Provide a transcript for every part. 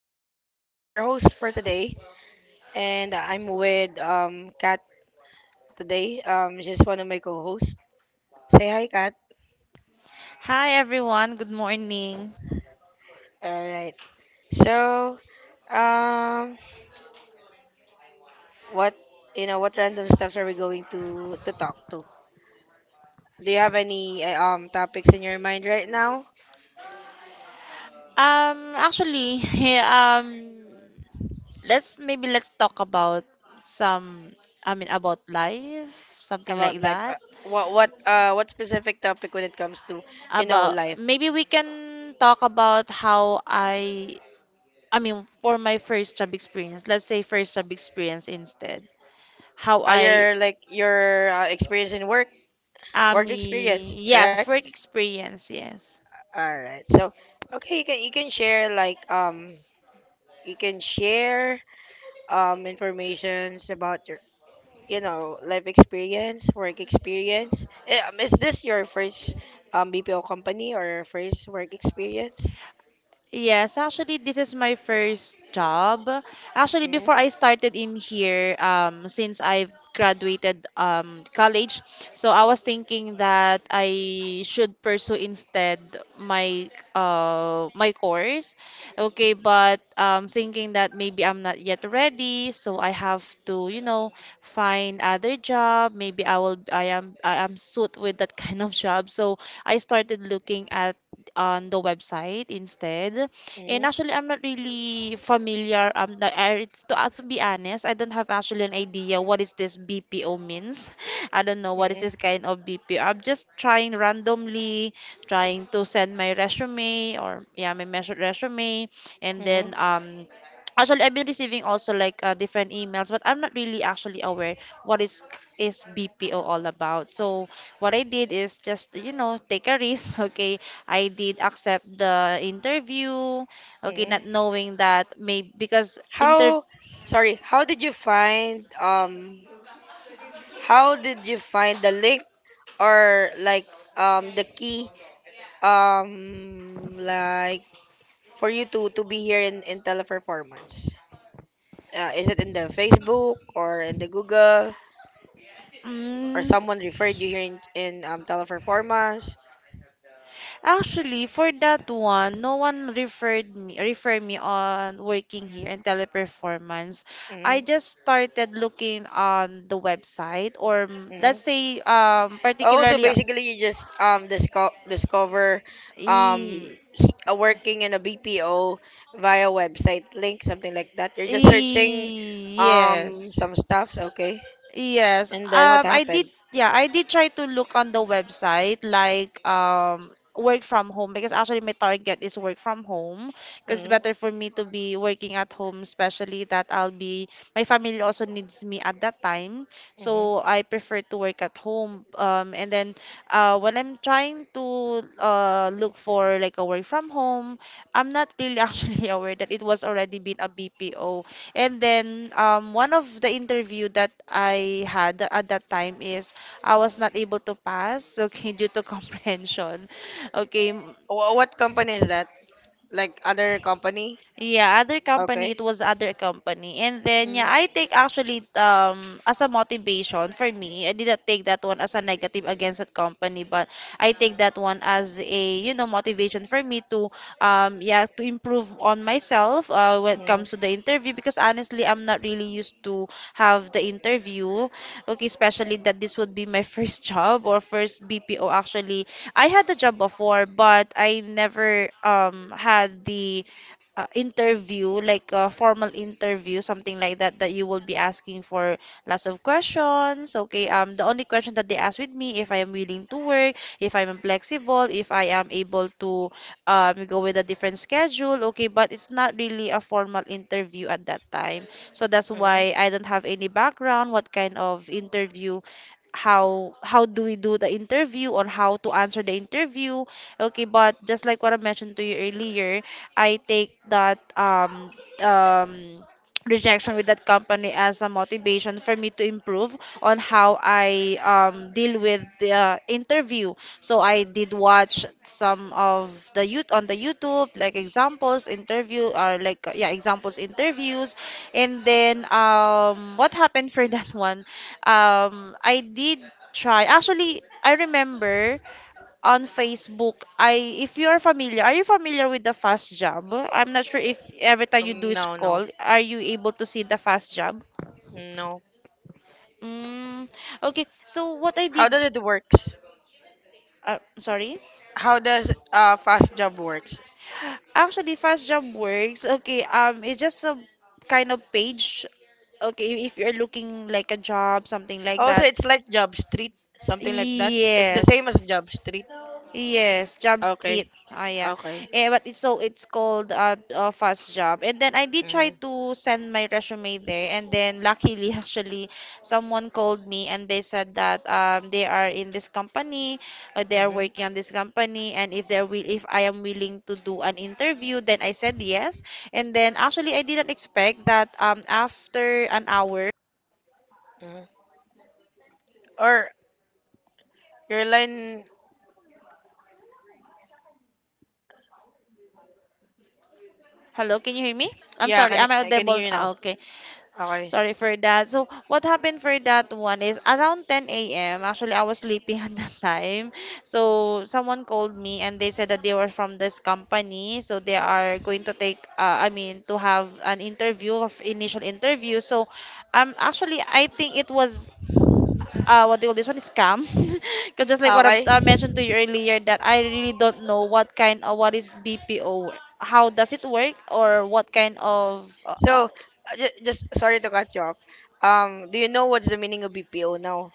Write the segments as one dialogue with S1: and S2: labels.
S1: I'm your host for today, and I'm with Kat today. Just one of my co-hosts. Say hi, Kat. All right. So, um, what, what random stuffs are we going to talk to? Do you have any topics in your mind right now
S2: Um, actually, um, let's maybe let's talk about some, I mean, about life, something
S1: about
S2: like
S1: life? Uh,
S2: that.
S1: What what uh what specific topic when it comes to, you know,
S2: About
S1: life?
S2: maybe we can talk about I mean, for my first job experience, let's say first job experience instead. How
S1: Are
S2: I,
S1: your like your experience in work,
S2: I
S1: work experience,
S2: mean, yes,
S1: correct?
S2: work experience, yes.
S1: All right. So, okay, you can share informations about your, life experience, work experience. Is this your first BPO company or first work experience?
S2: Yes, actually, this is my first job. Actually,
S1: Mm,
S2: before I started in here, since I've graduated college, so I was thinking that I should pursue instead my course. Okay, but thinking that maybe I'm not yet ready, so I have to, you know, find other job. Maybe I will, I am suit with that kind of job. So I started looking at on the website instead. And
S1: mm,
S2: actually, I'm not really familiar. To be honest, I don't have actually an idea what is this BPO means. I don't know what is
S1: mm,
S2: this kind of BPO. I'm just trying randomly, trying to send my resume or yeah, resume, and
S1: mm,
S2: then Actually, I've been receiving also like different emails, but I'm not really actually aware what is BPO all about. So what I did is just you know take a risk, okay, I did accept the interview. Okay, not
S1: mm.
S2: knowing that maybe because inter
S1: How Sorry, how did you find the link, or like, the key, like, for you to be here in Teleperformance. Is it in the Facebook or in the Google, or
S2: mm,
S1: someone referred you here, in Teleperformance?
S2: actually for that one, no one referred me on working here in teleperformance. I
S1: Mm-hmm.
S2: just started looking on the website or mm, let's
S1: Mm-hmm.
S2: say
S1: Oh, so basically you just discover um
S2: e,
S1: a working in a BPO via website link, something like that. You're just searching
S2: yes.
S1: some stuffs, okay?
S2: Yes.
S1: And then what happened?
S2: Yeah, I did try to look on the website like work from home because actually my target is work from home because it's
S1: Mm-hmm.
S2: better for me to be working at home, especially that I'll be my family also needs me at that time.
S1: Mm-hmm.
S2: So I prefer to work at home. And then When I'm trying to look for like a work from home, I'm not really actually aware that it was already been a BPO. And then one of the interview that I had at that time is I was not able to pass, okay, due to comprehension. Okay,
S1: What company is that? Like other company?
S2: yeah,
S1: Okay.
S2: it was other company. And then,
S1: Mm-hmm.
S2: yeah, I take actually as a motivation for me. I didn't take that one as a negative against that company, but I take that one as a, you know, motivation for me to yeah, to improve on myself when it
S1: Mm-hmm.
S2: comes to the interview because honestly, I'm not really used to have the interview. Okay, especially that this would be my first job or first BPO actually. I had the job before, but I never had the interview, like a formal interview, something like that, that you will be asking for lots of questions. Okay, the only question that they ask with me if I am willing to work, if I'm flexible, if I am able to go with a different schedule. Okay, but it's not really a formal interview at that time. So that's
S1: Hmm.
S2: why I don't have any background, what kind of interview how do we do the interview on how to answer the interview. Okay, but just like what I mentioned to you earlier, I take that um, rejection with that company as a motivation for me to improve on how I deal with the interview. So I did watch some of the youth on the YouTube, like examples interview or like yeah examples interviews, and then what happened for that one? I did try. Actually, I remember on Facebook, I if you are familiar, are you familiar with the fast job? I'm not sure if every time you
S1: Um,
S2: do
S1: no, no,
S2: scroll, are you able to see the fast job?
S1: no.
S2: Mm, okay. So what I did,
S1: How does it works?
S2: sorry.
S1: How does fast job works?
S2: Actually, fast job works. Okay. It's just a kind of page. Okay, if you're looking like a job, something like
S1: Also,
S2: that.
S1: it's like Job Street, something like that. It's the same
S2: Yes.
S1: as Job Street.
S2: Yes, Job Street.
S1: Okay,
S2: Ah, yeah.
S1: okay.
S2: Eh, but it's so it's called fast job. And then I did try
S1: Mm.
S2: to send my resume there, and then luckily actually someone called me and they said that they are in this company, they are
S1: Mm-hmm.
S2: working on this company, and if I am willing to do an interview, then I said yes. And then actually I didn't expect that after an hour.
S1: Mm-hmm. Or your line?
S2: Hello, can you hear me? I'm
S1: Yeah, I
S2: sorry,
S1: can
S2: am I audible?
S1: hear you
S2: Ah,
S1: now.
S2: okay.
S1: Okay,
S2: Sorry for that. So what happened for that one is around 10 a.m. Actually, I was sleeping at that time. So someone called me and they said that they were from this company. So they are going to take, I mean, to have an interview, of initial interview. So actually, I think it was what do you call this one? Scam. Because just like what
S1: okay.
S2: I mentioned to you earlier, that I really don't know what kind of what is BPO. How does it work, or what kind of
S1: So, just sorry to cut you off. Do you know what's the meaning of BPO now?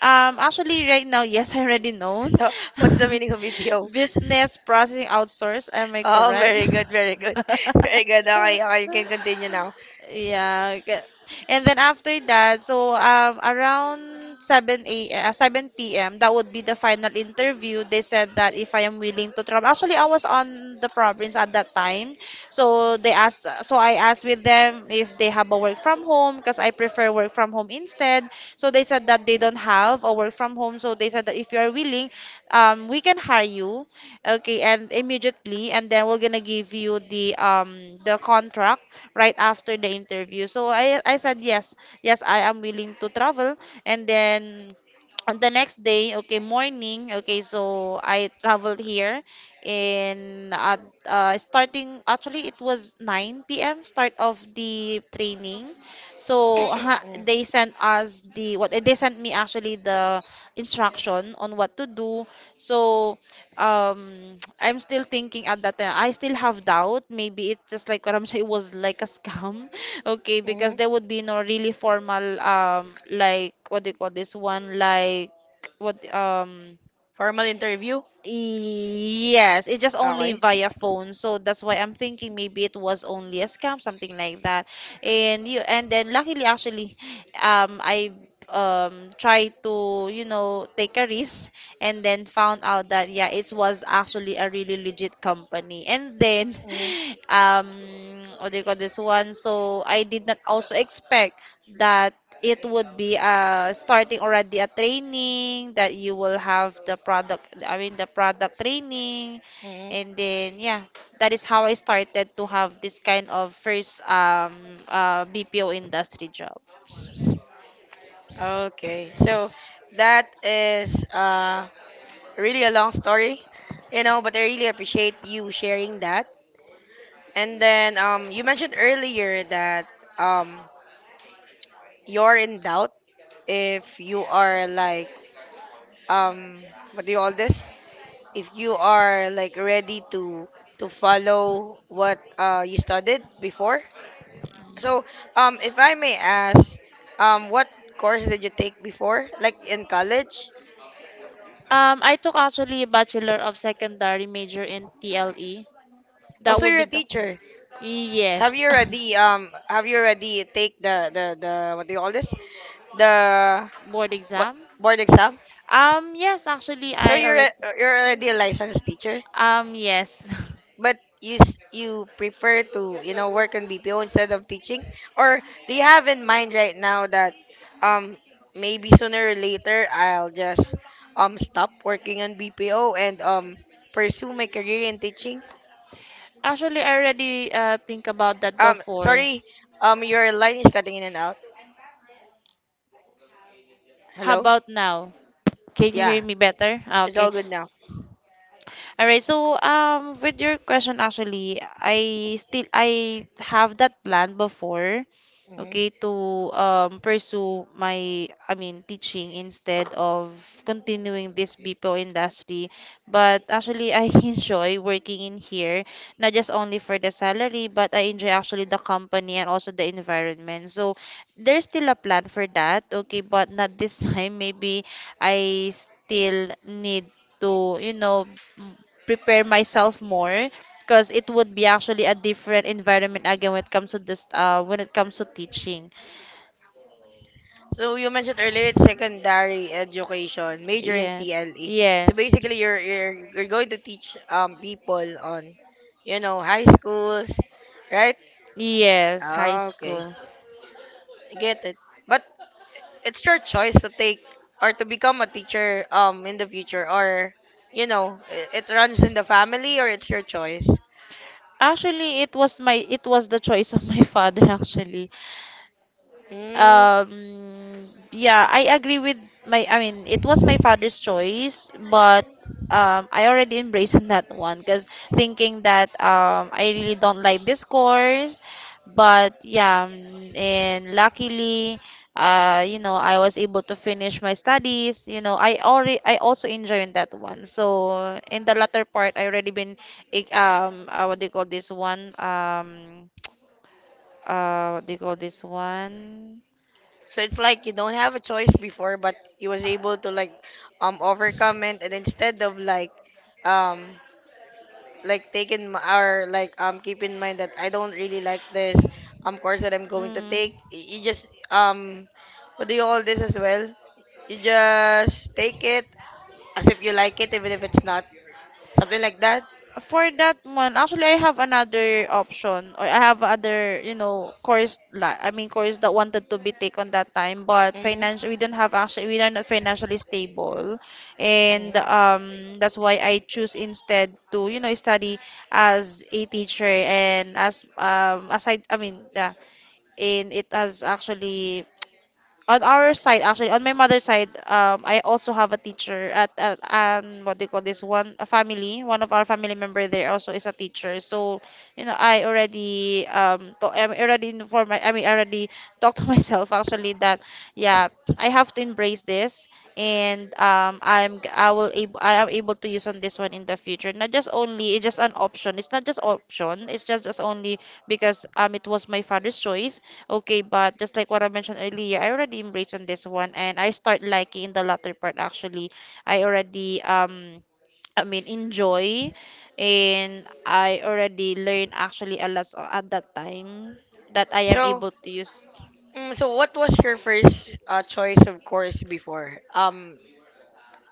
S2: um, actually, right now, yes, I already know.
S1: So, what's the meaning of BPO?
S2: Business processing outsource. Am I
S1: Oh,
S2: correct?
S1: very good, very good, very good. Okay, okay. You can continue now.
S2: Yeah, okay. And then after that, so around 7 p.m. that would be the final interview. They said that if I am willing to travel. Actually, I was on the province at that time. So I asked with them if they have a work from home because I prefer work from home instead. So they said that they don't have a work from home. So they said that if you are willing, we can hire you, okay, and immediately, and then we're gonna give you the contract right after the interview. So I said yes, yes, I am willing to travel, and then on the next day, okay, morning, okay, so I traveled here in at starting actually it was 9 p.m. start of the training. They sent us the what they sent me actually the instruction on what to do. So I'm still thinking at that time. I still have doubt. Maybe it's just like what I'm saying, it was like a scam. Okay, because
S1: Hmm.
S2: there would be no really formal like what do you call this one, like what
S1: Formal interview?
S2: yes, it just only
S1: Okay.
S2: via phone. So that's why I'm thinking maybe it was only a scam, something like that. And then luckily actually I tried to, you know, take a risk and then found out that yeah, it was actually a really legit company. And then
S1: Mm.
S2: um what do you call this one? So I did not also expect that it would be starting already a training that you will have I mean the product training.
S1: Mm.
S2: And then, yeah, that is how I started to have this kind of first BPO industry job.
S1: Okay. So that is really a long story, you know, but I really appreciate you sharing that. And then, you mentioned earlier that, um you're in doubt if you are like, um what do you call this? If you are like ready to follow what you studied before. So, if I may ask, what course did you take before, like in college?
S2: I took actually a Bachelor of Secondary major in TLE.
S1: Oh,
S2: That
S1: so
S2: would be
S1: you're a
S2: the
S1: teacher. Have
S2: Yes.
S1: you already take the, what do you call this? The
S2: Board
S1: What
S2: exam.
S1: board exam?
S2: Yes, actually
S1: So
S2: I
S1: you're
S2: already
S1: a- you're already a licensed teacher.
S2: yes.
S1: But you prefer to, work on BPO instead of teaching, or do you have in mind right now that, um maybe sooner or later I'll just, stop working on BPO and, pursue my career in teaching?
S2: Actually, I already think about that
S1: Um,
S2: before.
S1: sorry, your line is cutting in and out.
S2: How
S1: Hello?
S2: about now? Can you hear
S1: Yeah,
S2: me better? Ah,
S1: it's
S2: okay.
S1: all good now.
S2: All right. So with your question actually, I have that plan before, okay, to pursue my I mean teaching instead of continuing this BPO industry. But actually I enjoy working in here, not just only for the salary, but I enjoy actually the company and also the environment. So there's still a plan for that, okay, but not this time. Maybe I still need to, you know, prepare myself more because it would be actually a different environment again when it comes to teaching.
S1: So you mentioned earlier it's secondary education, major in
S2: Yes.
S1: TLE. So
S2: Yes.
S1: basically you're going to teach people on, high schools, right?
S2: Yes, high
S1: Ah, okay.
S2: school.
S1: I get it. But it's your choice to take, or to become a teacher, in the future, or, it runs in the family, or it's your choice.
S2: Actually, it was the choice of my father actually.
S1: Mm.
S2: Yeah, I agree I mean, it was my father's choice, but I already embraced on that one because thinking that I really don't like this course, but yeah, and luckily, you know, I was able to finish my studies. You know, I also enjoyed that one. So in the latter part, I already been, what do you call this one? What do you call this one?
S1: So it's like you don't have a choice before, but you was able to, like, overcome it, and instead of, like, um like, take in m- or like, keep in mind that I don't really like this, course that I'm going to take.
S2: Mm.
S1: You just, what do you call this as well? You just take it as if you like it, even if it's not, something like that.
S2: For that one, actually, I have another option, or I have other, you know, course. Course that wanted to be taken that time, but
S1: Hmm.
S2: financial, we don't have actually, we are not financially stable, and
S1: Hmm.
S2: that's why I choose instead to, you know, study as a teacher and as yeah, and it has actually on our side, actually on my mother's side, I also have a teacher at, what do you call this one, a family, one of our family member there also is a teacher. So you know, I already I already informed my, I mean I already talked to myself actually that yeah, I have to embrace this. And I will able, I am able to use on this one in the future, not just only, it's just an option. It's not just option, it's just only because it was my father's choice. Okay, but just like what I mentioned earlier, I already embraced on this one and I start liking the latter part actually. I already I mean enjoy, and I already learn actually a lot, so at that time that I am
S1: So,
S2: able to use.
S1: what was your first, choice of course before? Um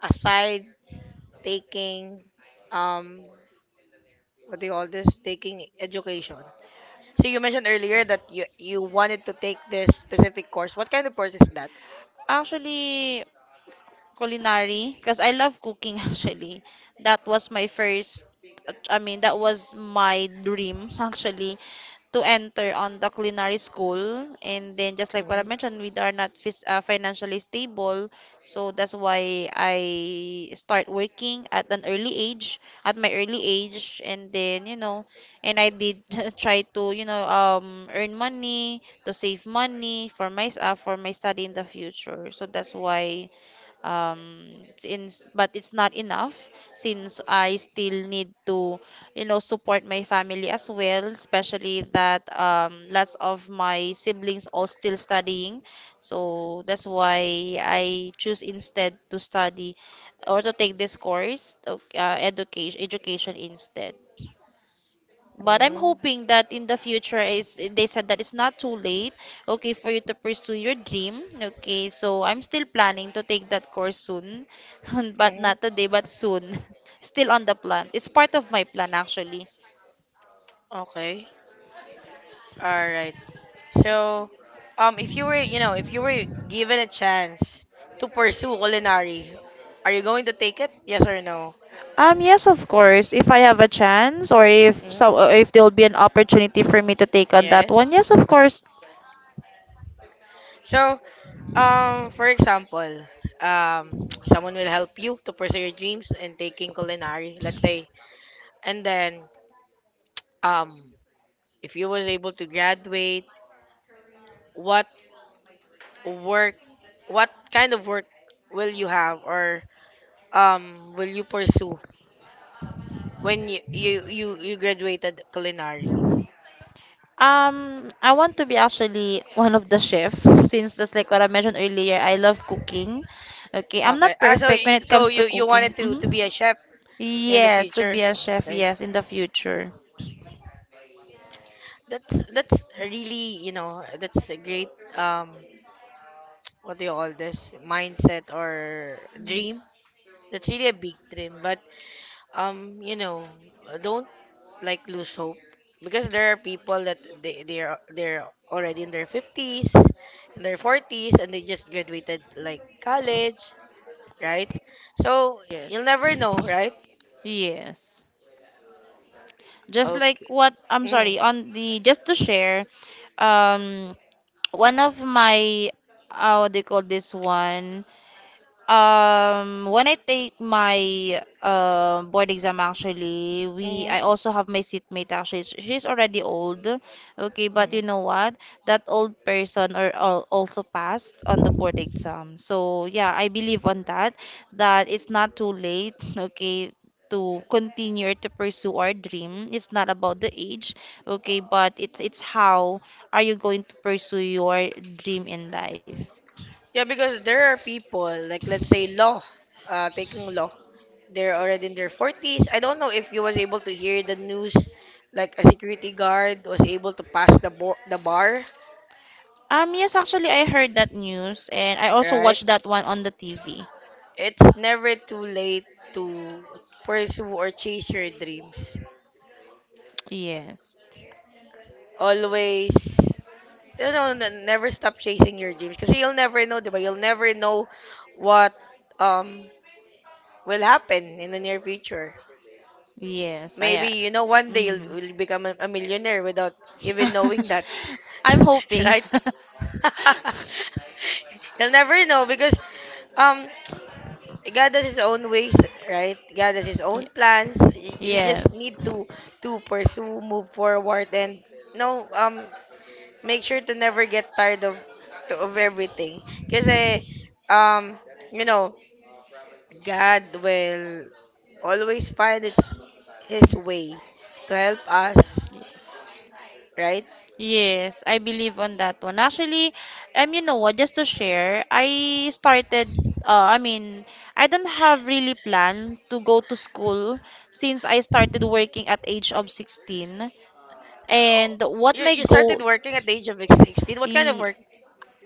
S1: aside taking, um what do you call this? Taking education. So you mentioned earlier that you wanted to take this specific course. What kind of course is that?
S2: Actually, culinary, because I love cooking actually. That was my first, I mean that was my dream actually, to enter on the culinary school. And then just like what I
S1: Mm,
S2: mentioned, we are not financially stable, so that's why I start working at an early age, at my early age. And then you know, and I did try to, you know, earn money to save money for my for my study in the future. So that's why, um since, but it's not enough, since I still need to, you know, support my family as well, especially that lots of my siblings all still studying. So that's why I choose instead to study or to take this course, education, education instead. But I'm
S1: mm,
S2: hoping that in the future is, they said that it's not too late, okay, for you to pursue your dream. Okay, so I'm still planning to take that course soon, but
S1: mm.
S2: not today, but soon. Still on the plan. It's part of my plan actually.
S1: Okay. All right. So, if you were, you know, if you were given a chance to pursue culinary, are you going to take it? Yes or no?
S2: Yes, of course. If I have a chance or if so,
S1: Mm,
S2: if there will be an opportunity for me to take on that
S1: yes.
S2: one, yes, of course.
S1: So, for example, um, someone will help you to pursue your dreams in taking culinary, let's say, and then, um, if you was able to graduate, what work, what kind of work will you have, or, will you pursue when you graduated culinary?
S2: I want to be actually one of the chef, since just like what I mentioned earlier, I love cooking. Okay, I'm
S1: Okay.
S2: not
S1: Ah, so
S2: perfect when
S1: y-
S2: it
S1: so
S2: comes to
S1: you you
S2: cooking.
S1: wanted to
S2: Hmm.
S1: be a chef in the
S2: Yes, to be
S1: future.
S2: a chef,
S1: Okay.
S2: yes, in the future.
S1: That's really, you know, that's a great, um what do you call this, mindset or dream. That's really a big dream, but, um you know don't, like, lose hope, because there are people that they're already in their fifties, in their forties, and they just graduated like college, right? So
S2: Yes.
S1: you'll never know, right?
S2: Yes. Just like
S1: Okay.
S2: what I'm
S1: Mm,
S2: sorry, on the just to share, um one of my what do you call this one? When I take my board exam, actually, we
S1: mm,
S2: I also have my seatmate. Actually, she's already old. Okay, but you
S1: mm.
S2: know what? That old person or, also passed on the board exam. So yeah, I believe on that. That it's not too late. Okay. To continue or to pursue our dream, it's not about the age, okay, but it's how are you going to pursue your dream in life?
S1: Yeah, because there are people like, let's say, law, taking law. They're already in their forties. I don't know if you was able to hear the news, like a security guard was able to pass the bar,
S2: Yes, actually, I heard that news, and I also
S1: right?
S2: watched that one on the TV.
S1: It's never too late to pursue or chase your dreams.
S2: Yes,
S1: Always, you know, never stop chasing your dreams, because you'll never know, diba? You'll never know what, um will happen in the near future.
S2: yes, I.
S1: Maybe, you know, one day
S2: Mm.
S1: you'll become a millionaire without even knowing that,
S2: I'm hoping.
S1: right? You'll never know, because, um God has His own ways, right? God has His
S2: Y-
S1: own plans. We just
S2: Yes.
S1: need to pursue, move forward, and, no, make sure to never get tired of everything. Because, um you know God will always find its his way to help us, right?
S2: Yes, I believe on that one. Actually, you know what, just to share, I started, uh, I mean, I don't have really plan to go to school since I started working at age of 16.
S1: Oh,
S2: And what
S1: you,
S2: my
S1: you started
S2: goal,
S1: working at the age of 16. What kind of
S2: Y-
S1: work?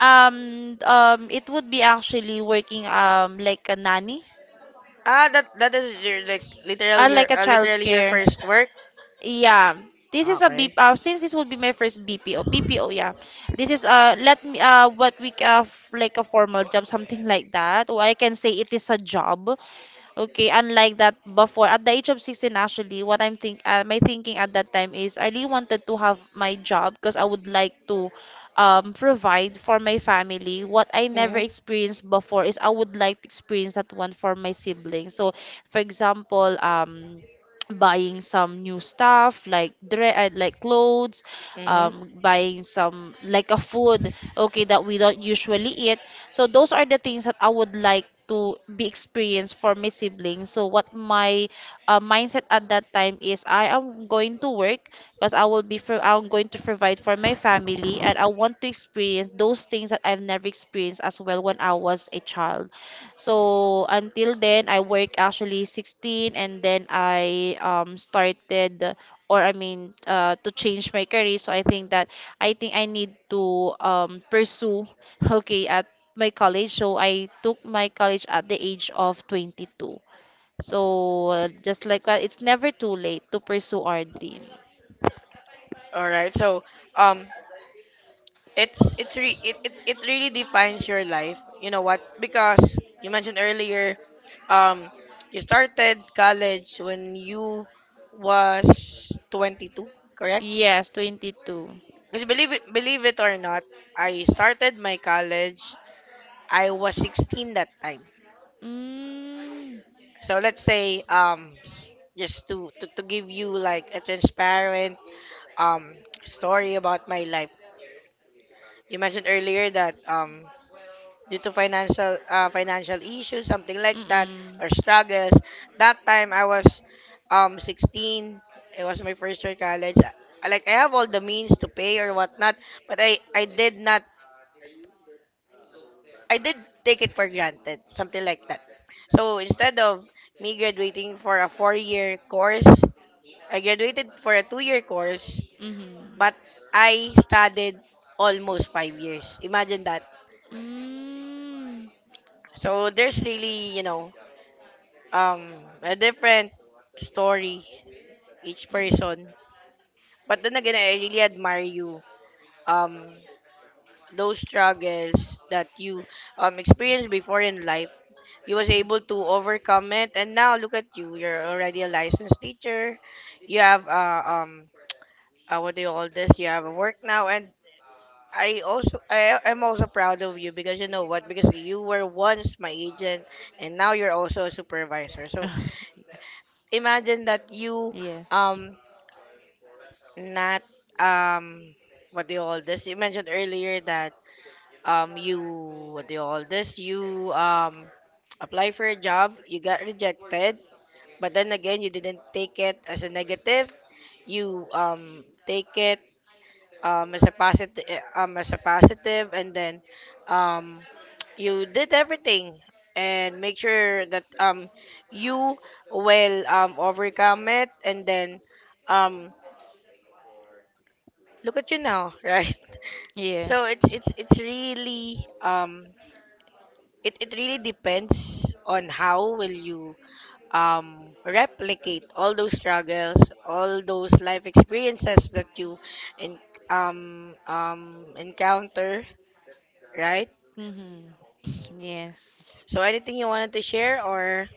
S2: It would be actually working like a nanny
S1: Ah, that that is your,
S2: or like a
S1: literally your
S2: childcare.
S1: first work.
S2: Yeah, this is a B.
S1: Okay.
S2: Since this would be my first BPO, BPO. Yeah, this is let me like a formal job, something like that. Or I can say it is a job. Okay, unlike that before, at the age of 16 actually, what I'm think my thinking at that time is I really wanted to have my job, because I would like to provide for my family. What I never
S1: Mhm.
S2: experienced before is I would like to experience that one for my siblings. So, for example, buying some new stuff like dre like clothes,
S1: Mhm.
S2: buying some like a food, okay, that we don't usually eat. So those are the things that I would like to be experienced for my siblings. So what my mindset at that time is I am going to work, because I will be for, I'm going to provide for my family, and I want to experience those things that I've never experienced as well when I was a child. So until then I work actually 16, and then I started, or I mean to change my career. So I think that I need to pursue okay, my college. So I took my college at the age of 22. So just like that, it's never too late to pursue our dream.
S1: All right. So, um, it's re- it really defines your life. You know what? Because you mentioned earlier, um, you started college when you was 22, correct?
S2: Yes, 22.
S1: Because believe it or not, I started my college. I was 16 that time.
S2: Mm.
S1: So let's say, just to give you like a transparent, um story about my life. You mentioned earlier that, due to financial issues, something like that,
S2: Mm-mm.
S1: or struggles. That time I was, 16. It was my first year college. Like, I have all the means to pay or whatnot, but I did not, I did take it for granted, something like that. So instead of me graduating for a four-year course, I graduated for a two-year course,
S2: Mm-hmm.
S1: but I studied almost 5 years. Imagine that.
S2: Mm. It's,
S1: So there's really, um, a different story each person. But then again, I really admire you. Um, those struggles that you, experience before in life, you was able to overcome it, and now look at you, you're already a licensed teacher, you have, what do you call this, you have a work now, and I am also proud of you, because, you know what, because you were once my agent and now you're also a supervisor, so imagine that. You,
S2: yes.
S1: um not, um what do you call this, you mentioned earlier that, you, what do you call this, you, apply for a job, you got rejected. But then again, you didn't take it as a negative. You, take it, um as a positive as a positive, and then, um you did everything and make sure that, you will, overcome it, and then, um look at you now, right? So
S2: Yes.
S1: it's, it's really, it really depends on how will you, replicate all those struggles, all those life experiences that you in, encounter, right?
S2: Mm-hmm. Yes.
S1: So, anything you wanted to share, or —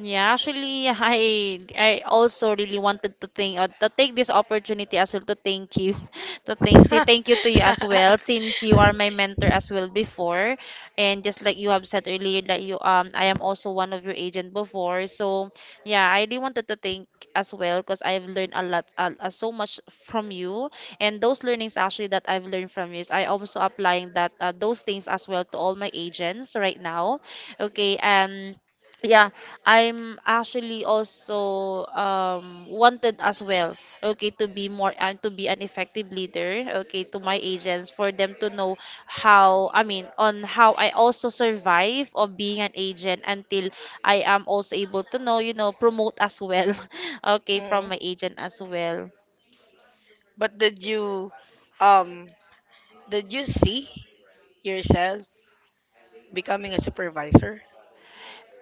S2: Yeah, actually, I also really wanted to thank, to take this opportunity as well to thank you, to thank say thank you to you as well, since you are my mentor as well before, and just like you have said earlier that you I am also one of your agent before. So yeah, I really wanted to thank as well, because I've learned a lot, so much from you, and those learnings actually that I've learned from you is I also applying that, those things as well to all my agents right now. Okay. Yeah, I'm actually also wanted as well, okay, to be more and to be an effective leader, okay, to my agents, for them to know how, I mean on how I also survive of being an agent until I am also able to know, you know, promote as well, okay, from
S1: Mm.
S2: my agent as well.
S1: But um did you see yourself becoming a supervisor?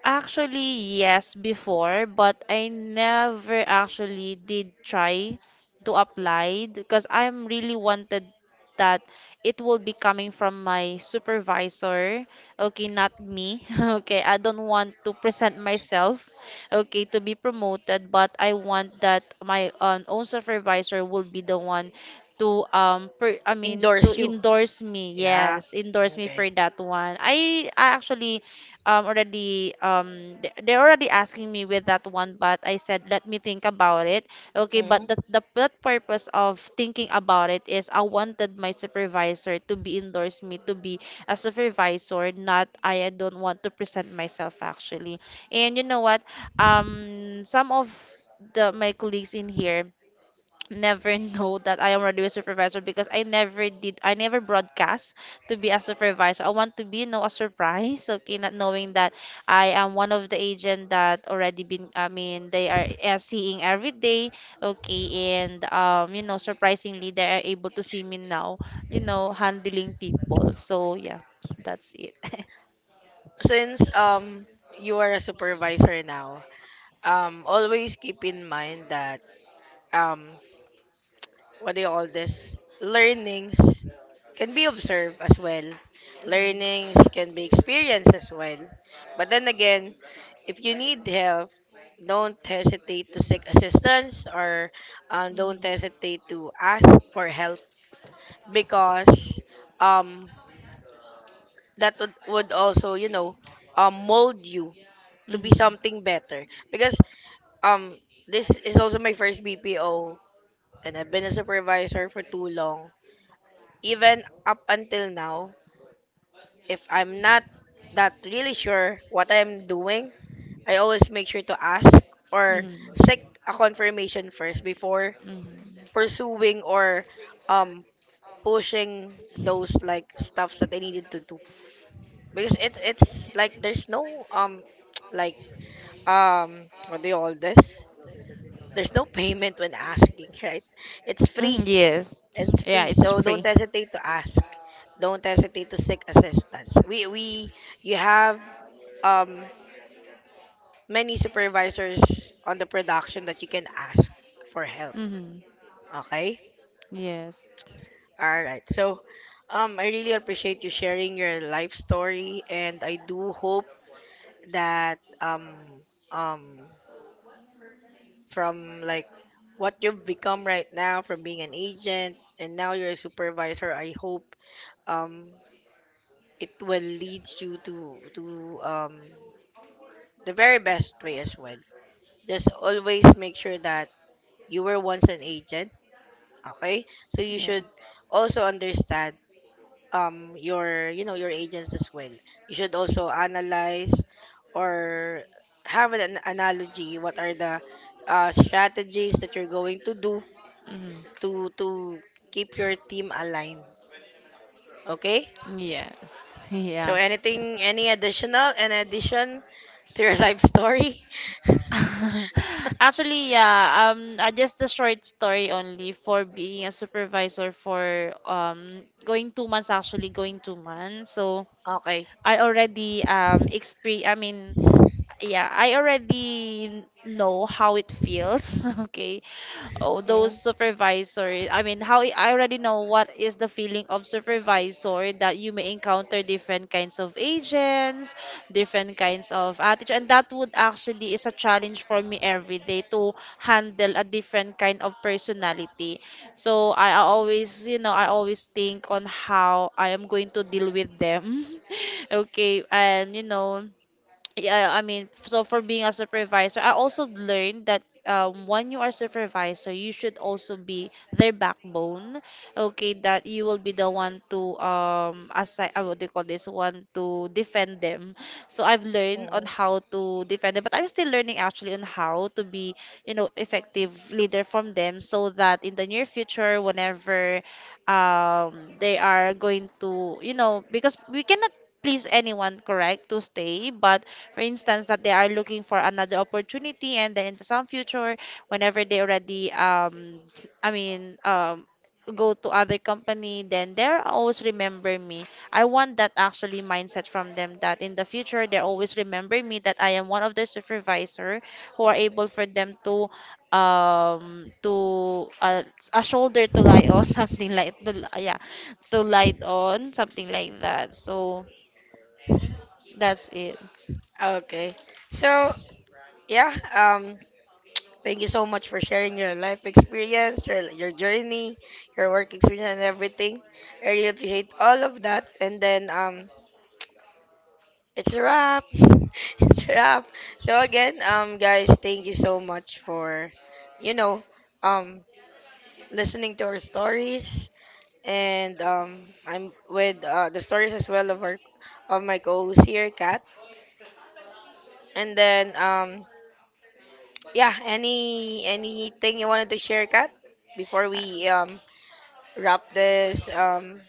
S2: Actually, yes, before, but I never actually did try to apply, because I'm really wanted that it will be coming from my supervisor, okay, not me. Okay, I don't want to present myself, okay, to be promoted, but I want that my own supervisor will be the one to per, I mean to
S1: Endorse you.
S2: endorse me.
S1: Yeah.
S2: Yes, endorse me
S1: Okay.
S2: for that one. I actually already they're already asking me with that one, but I said let me think about it. Okay, but
S1: Mm.
S2: the purpose of thinking about it is I wanted my supervisor to be endorse me to be a supervisor, not, I don't want to present myself actually. And you know what, some of the my colleagues in here never know that I am already a supervisor, because I never did, I never broadcast to be a supervisor. I want to be, you know, a surprise, okay, not knowing that I am one of the agent that already been, I mean they are, seeing every day, okay, and you know, surprisingly they are able to see me now, you know, handling people. So yeah, that's it.
S1: Since, you are a supervisor now, always keep in mind that, um what do you call this, learnings can be observed as well, learnings can be experienced as well, but then again, if you need help, don't hesitate to seek assistance, or, don't hesitate to ask for help, because, um that would also, mold you to be
S2: Hmm.
S1: something better, because, um this is also my first BPO, and I've been a supervisor for too long, even up until now. If I'm not that really sure what I'm doing, I always make sure to ask or
S2: Mhm.
S1: seek a confirmation first, before
S2: Mhm.
S1: pursuing or, um pushing those like stuffs that I needed to do. Because it's like, there's no, like, what do you call this? There's no payment when asking, right?
S2: Mhm,
S1: It's free.
S2: yes. Yeah,
S1: It's
S2: it's
S1: free.
S2: free.
S1: So don't hesitate to ask. Don't hesitate to seek assistance. We You have, um many supervisors on the production that you can ask for help.
S2: Mhm.
S1: Okay?
S2: Yes.
S1: All right. So, I really appreciate you sharing your life story, and I do hope that, um from, like, what you've become right now, from being an agent and now you're a supervisor, I hope, um it will lead you to, the very best way as well. Just always make sure that you were once an agent, okay? So you should
S2: Yes.
S1: also understand, your, your agents as well. You should also analyze or have an analogy what are the, strategies that you're going to do
S2: Mhm.
S1: to keep your team aligned, okay?
S2: Yes.
S1: So,
S2: Yeah.
S1: anything, any additional an addition to your life story?
S2: Actually, yeah. I just a short story only for being a supervisor for going 2 months, actually going 2 months. So
S1: Okay.
S2: I already exper I mean yeah, I already know how it feels. Okay. Oh,
S1: Hmm.
S2: those supervisors. I mean, how I already know what is the feeling of supervisor, that you may encounter different kinds of agents, different kinds of attitude, and that would actually is a challenge for me every day to handle a different kind of personality. So I always, you know, I always think on how I am going to deal with them. Okay, and you know, yeah, I mean, so for being a supervisor, I also learned that when you are supervisor, you should also be their backbone. Okay, that you will be the one to assign, what do you call this one, to defend them. So I've learned on
S1: Mm.
S2: how to defend them, but I'm still learning actually on how to be, you know, effective leader from them, so that in the near future, whenever they are going to, you know, because we cannot please anyone, correct, to stay, but for instance, that they are looking for another opportunity, and then into some future, whenever they already, I mean, um, go to other company, then they're always remember me. I want that actually mindset from them, that in the future they always remember me, that I am one of their supervisor who are able for them to um to uh, a shoulder to lie on, something like yeah, to lie on, something like that. So that's it.
S1: Okay, so yeah, thank you so much for sharing your life experience, your journey, your work experience, and everything. I really appreciate all of that. And then, it's a wrap. It's a wrap. So again, guys, thank you so much for, you know, um, listening to our stories. And, I'm with, the stories as well of our of my co-host here, Kat. And then, yeah, anything you wanted to share, Kat, before we, wrap this. Um,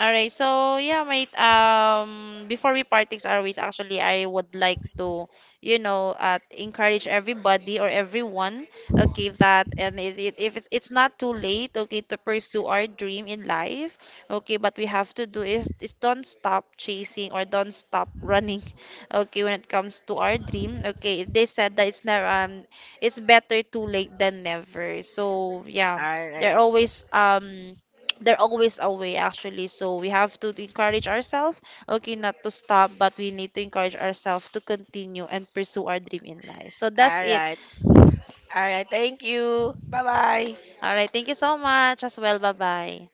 S2: All right. So yeah, mate. Before we part things our ways, actually, I would like to, you know, encourage everybody or everyone, okay, that and if it's not too late, okay, to pursue our dream in life, okay. But we have to do is don't stop chasing or don't stop running, okay. When it comes to our dream, okay, they said that it's never it's better too late than never. So yeah,
S1: all right,
S2: there are always there always a way actually. So we have to encourage ourselves, okay, not to stop, but we need to encourage ourselves to continue and pursue our dream in life. So that's
S1: all
S2: it.
S1: right, all right. Thank you. Bye bye.
S2: All right, thank you so much as well. Bye bye.